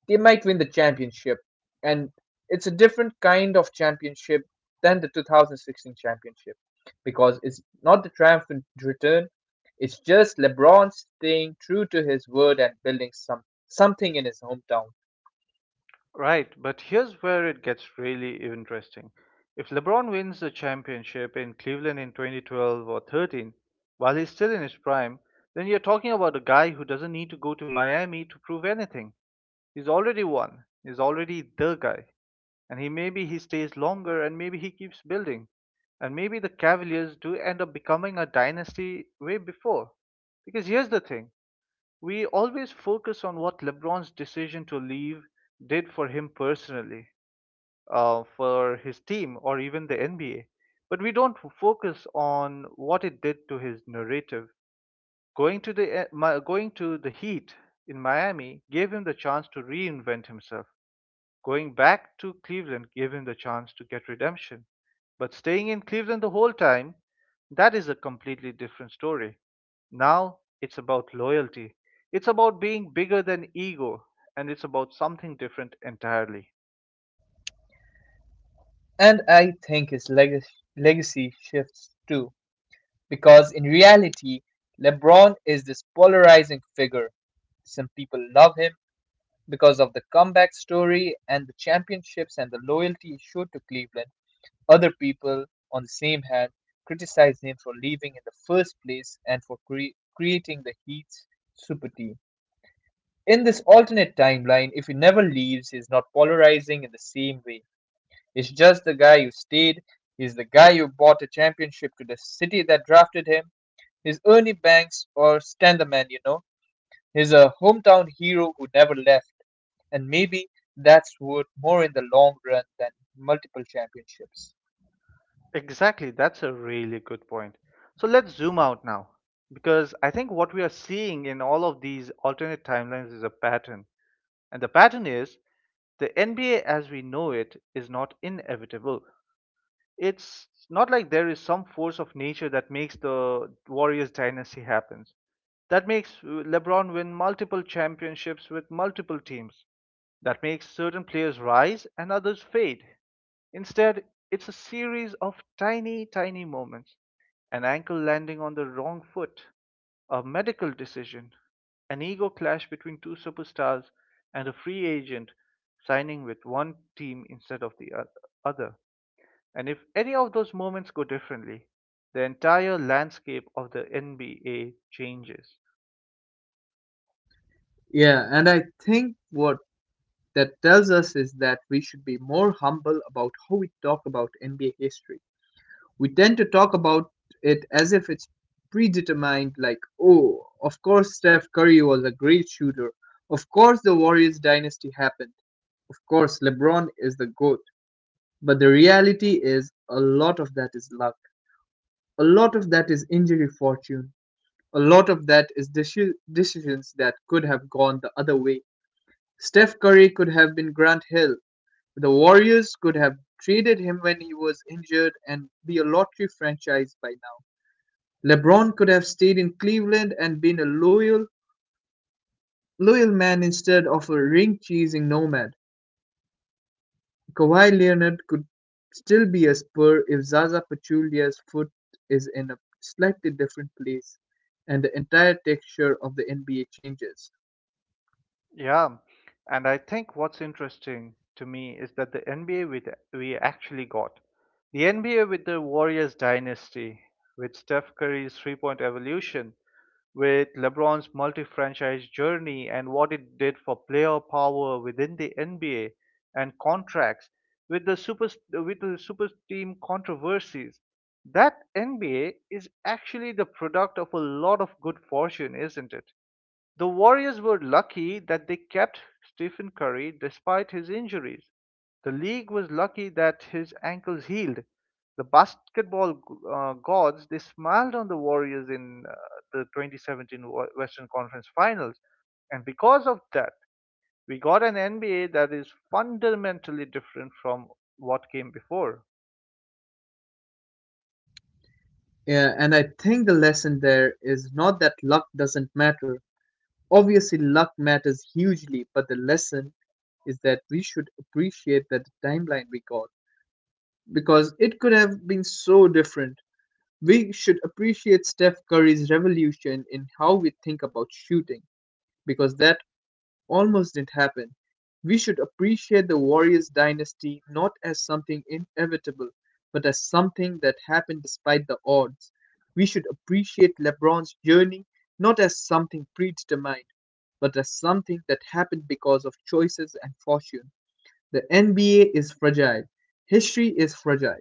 They might win the championship, and it's a different kind of championship than the 2016 championship because it's not the triumphant return. It's just LeBron staying true to his word and building something in his hometown. Right, but here's where it gets really interesting. If LeBron wins the championship in Cleveland in 2012 or 13 while he's still in his prime, then you're talking about a guy who doesn't need to go to Miami to prove anything. He's already won. He's already the guy. And he maybe he stays longer, and maybe he keeps building, and maybe the Cavaliers do end up becoming a dynasty way before. Because here's the thing, we always focus on what LeBron's decision to leave did for him personally, for his team or even the NBA, but we don't focus on what it did to his narrative. Going to the going to the Heat in Miami gave him the chance to reinvent himself. Going back to Cleveland gave him the chance to get redemption. But staying in Cleveland the whole time, that is a completely different story. Now it's about loyalty. It's about being bigger than ego, and it's about something different entirely. And I think his legacy shifts too, because in reality, LeBron is this polarizing figure. Some people love him because of the comeback story and the championships and the loyalty he showed to Cleveland. Other people, on the same hand, criticize him for leaving in the first place and for creating the Heat's super team. In this alternate timeline, if he never leaves, he's not polarizing in the same way. It's just the guy you stayed. He's the guy you bought a championship to the city that drafted him. He's Ernie Banks or Stan the Man, you know. He's a hometown hero who never left. And maybe that's worth more in the long run than multiple championships. Exactly, that's a really good point. So let's zoom out now, because I think what we are seeing in all of these alternate timelines is a pattern. And the pattern is, the NBA as we know it is not inevitable. It's not like there is some force of nature that makes the Warriors dynasty happens. That makes LeBron win multiple championships with multiple teams. That makes certain players rise and others fade. Instead, it's a series of tiny, tiny moments. An ankle landing on the wrong foot, a medical decision, an ego clash between two superstars, and a free agent signing with one team instead of the other. And if any of those moments go differently, the entire landscape of the NBA changes. Yeah, and I think what that tells us is that we should be more humble about how we talk about NBA history. We tend to talk about it as if it's predetermined, like, oh, of course Steph Curry was a great shooter. Of course the Warriors dynasty happened. Of course LeBron is the GOAT. But the reality is, a lot of that is luck. A lot of that is injury fortune. A lot of that is decisions that could have gone the other way. Steph Curry could have been Grant Hill. The Warriors could have traded him when he was injured and be a lottery franchise by now. LeBron could have stayed in Cleveland and been a loyal man instead of a ring-chasing nomad. Kawhi Leonard could still be a Spur if Zaza Pachulia's foot is in a slightly different place and the entire texture of the NBA changes. Yeah, and I think what's interesting to me is that the NBA with we actually got the NBA with the Warriors dynasty, with Steph Curry's three-point evolution, with LeBron's multi-franchise journey and what it did for player power within the NBA and contracts, with the super with the super team controversies. That NBA is actually the product of a lot of good fortune, isn't it? The Warriors were lucky that they kept Stephen Curry despite his injuries. The league was lucky that his ankles healed. The basketball gods, they smiled on the Warriors in the 2017 Western Conference Finals. And because of that, we got an NBA that is fundamentally different from what came before. Yeah, and I think the lesson there is not that luck doesn't matter. Obviously, luck matters hugely, but the lesson is that we should appreciate that the timeline we got because it could have been so different. We should appreciate Steph Curry's revolution in how we think about shooting because that almost didn't happen. We should appreciate the Warriors dynasty not as something inevitable, but as something that happened despite the odds. We should appreciate LeBron's journey not as something predetermined, but as something that happened because of choices and fortune. The NBA is fragile. History is fragile.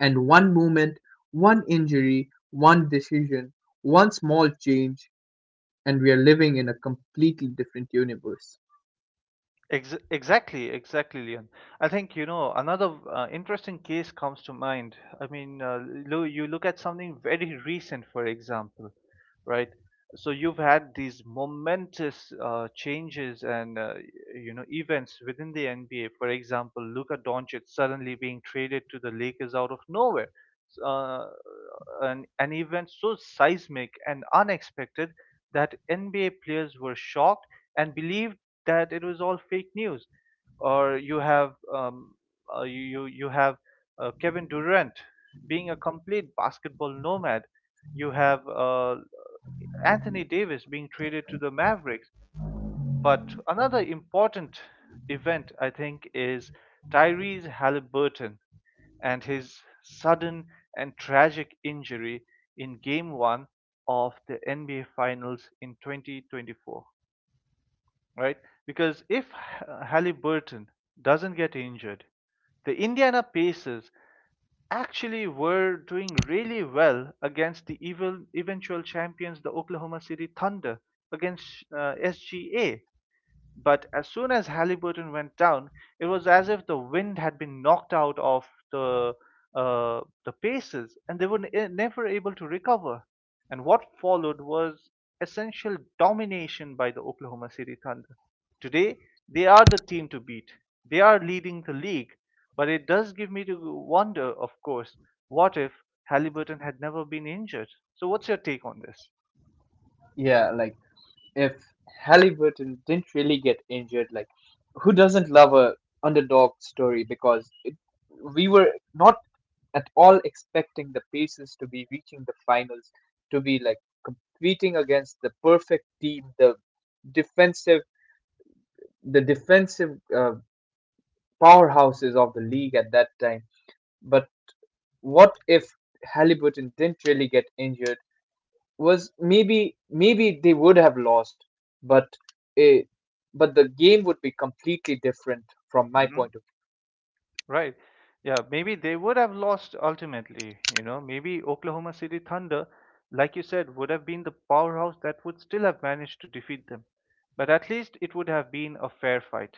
And one moment, one injury, one decision, one small change, and we are living in a completely different universe. Exactly, exactly, Leon. I think, you know, another interesting case comes to mind. I mean, you look at something very recent, for example, right? So you've had these momentous changes and you know, events within the NBA. For example, Luka Doncic suddenly being traded to the Lakers out of nowhere. Uh, an event so seismic and unexpected that NBA players were shocked and believed that it was all fake news. Or you have you you you have Kevin Durant being a complete basketball nomad. You have Anthony Davis being traded to the Mavericks. But another important event, I think, is Tyrese Halliburton and his sudden and tragic injury in game one of the NBA Finals in 2024, right? Because if Halliburton doesn't get injured, the Indiana Pacers actually were doing really well against the evil, eventual champions, the Oklahoma City Thunder, against SGA. But as soon as Halliburton went down, it was as if the wind had been knocked out of the paces, and they were never able to recover. And what followed was essential domination by the Oklahoma City Thunder. Today, they are the team to beat. They are leading the league, but it does give me to wonder, of course, what if Halliburton had never been injured? So, what's your take on this? Yeah, like, if Halliburton didn't really get injured, like, who doesn't love a underdog story? Because it, we were not at all expecting the Pacers to be reaching the finals, to be like competing against the perfect team, the defensive, the defensive powerhouses of the league at that time. But what if Halliburton didn't really get injured? Was maybe they would have lost, but it, but the game would be completely different from my point of Right. Yeah, maybe they would have lost ultimately, you know. Maybe Oklahoma City Thunder, like you said, would have been the powerhouse that would still have managed to defeat them. But at least it would have been a fair fight.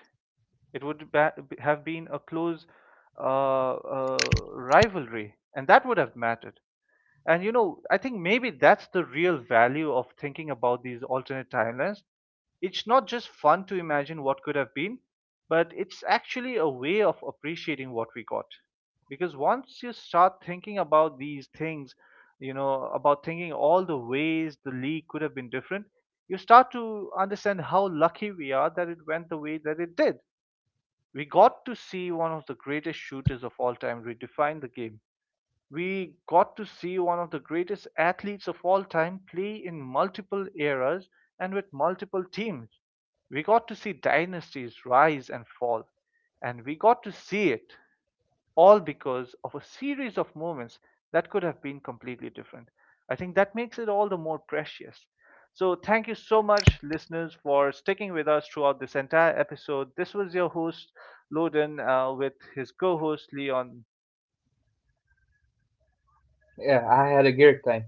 It would have been a close rivalry, and that would have mattered. And you know, I think maybe that's the real value of thinking about these alternate timelines. It's not just fun to imagine what could have been, but it's actually a way of appreciating what we got. Because once you start thinking about these things, you know, about thinking all the ways the league could have been different, you start to understand how lucky we are that it went the way that it did. We got to see one of the greatest shooters of all time redefine the game. We got to see one of the greatest athletes of all time play in multiple eras and with multiple teams. We got to see dynasties rise and fall, and we got to see it all because of a series of moments that could have been completely different. I think that makes it all the more precious. So, thank you so much, listeners, for sticking with us throughout this entire episode. This was your host, Loden, with his co host, Leon. view. Yeah, I had a great time.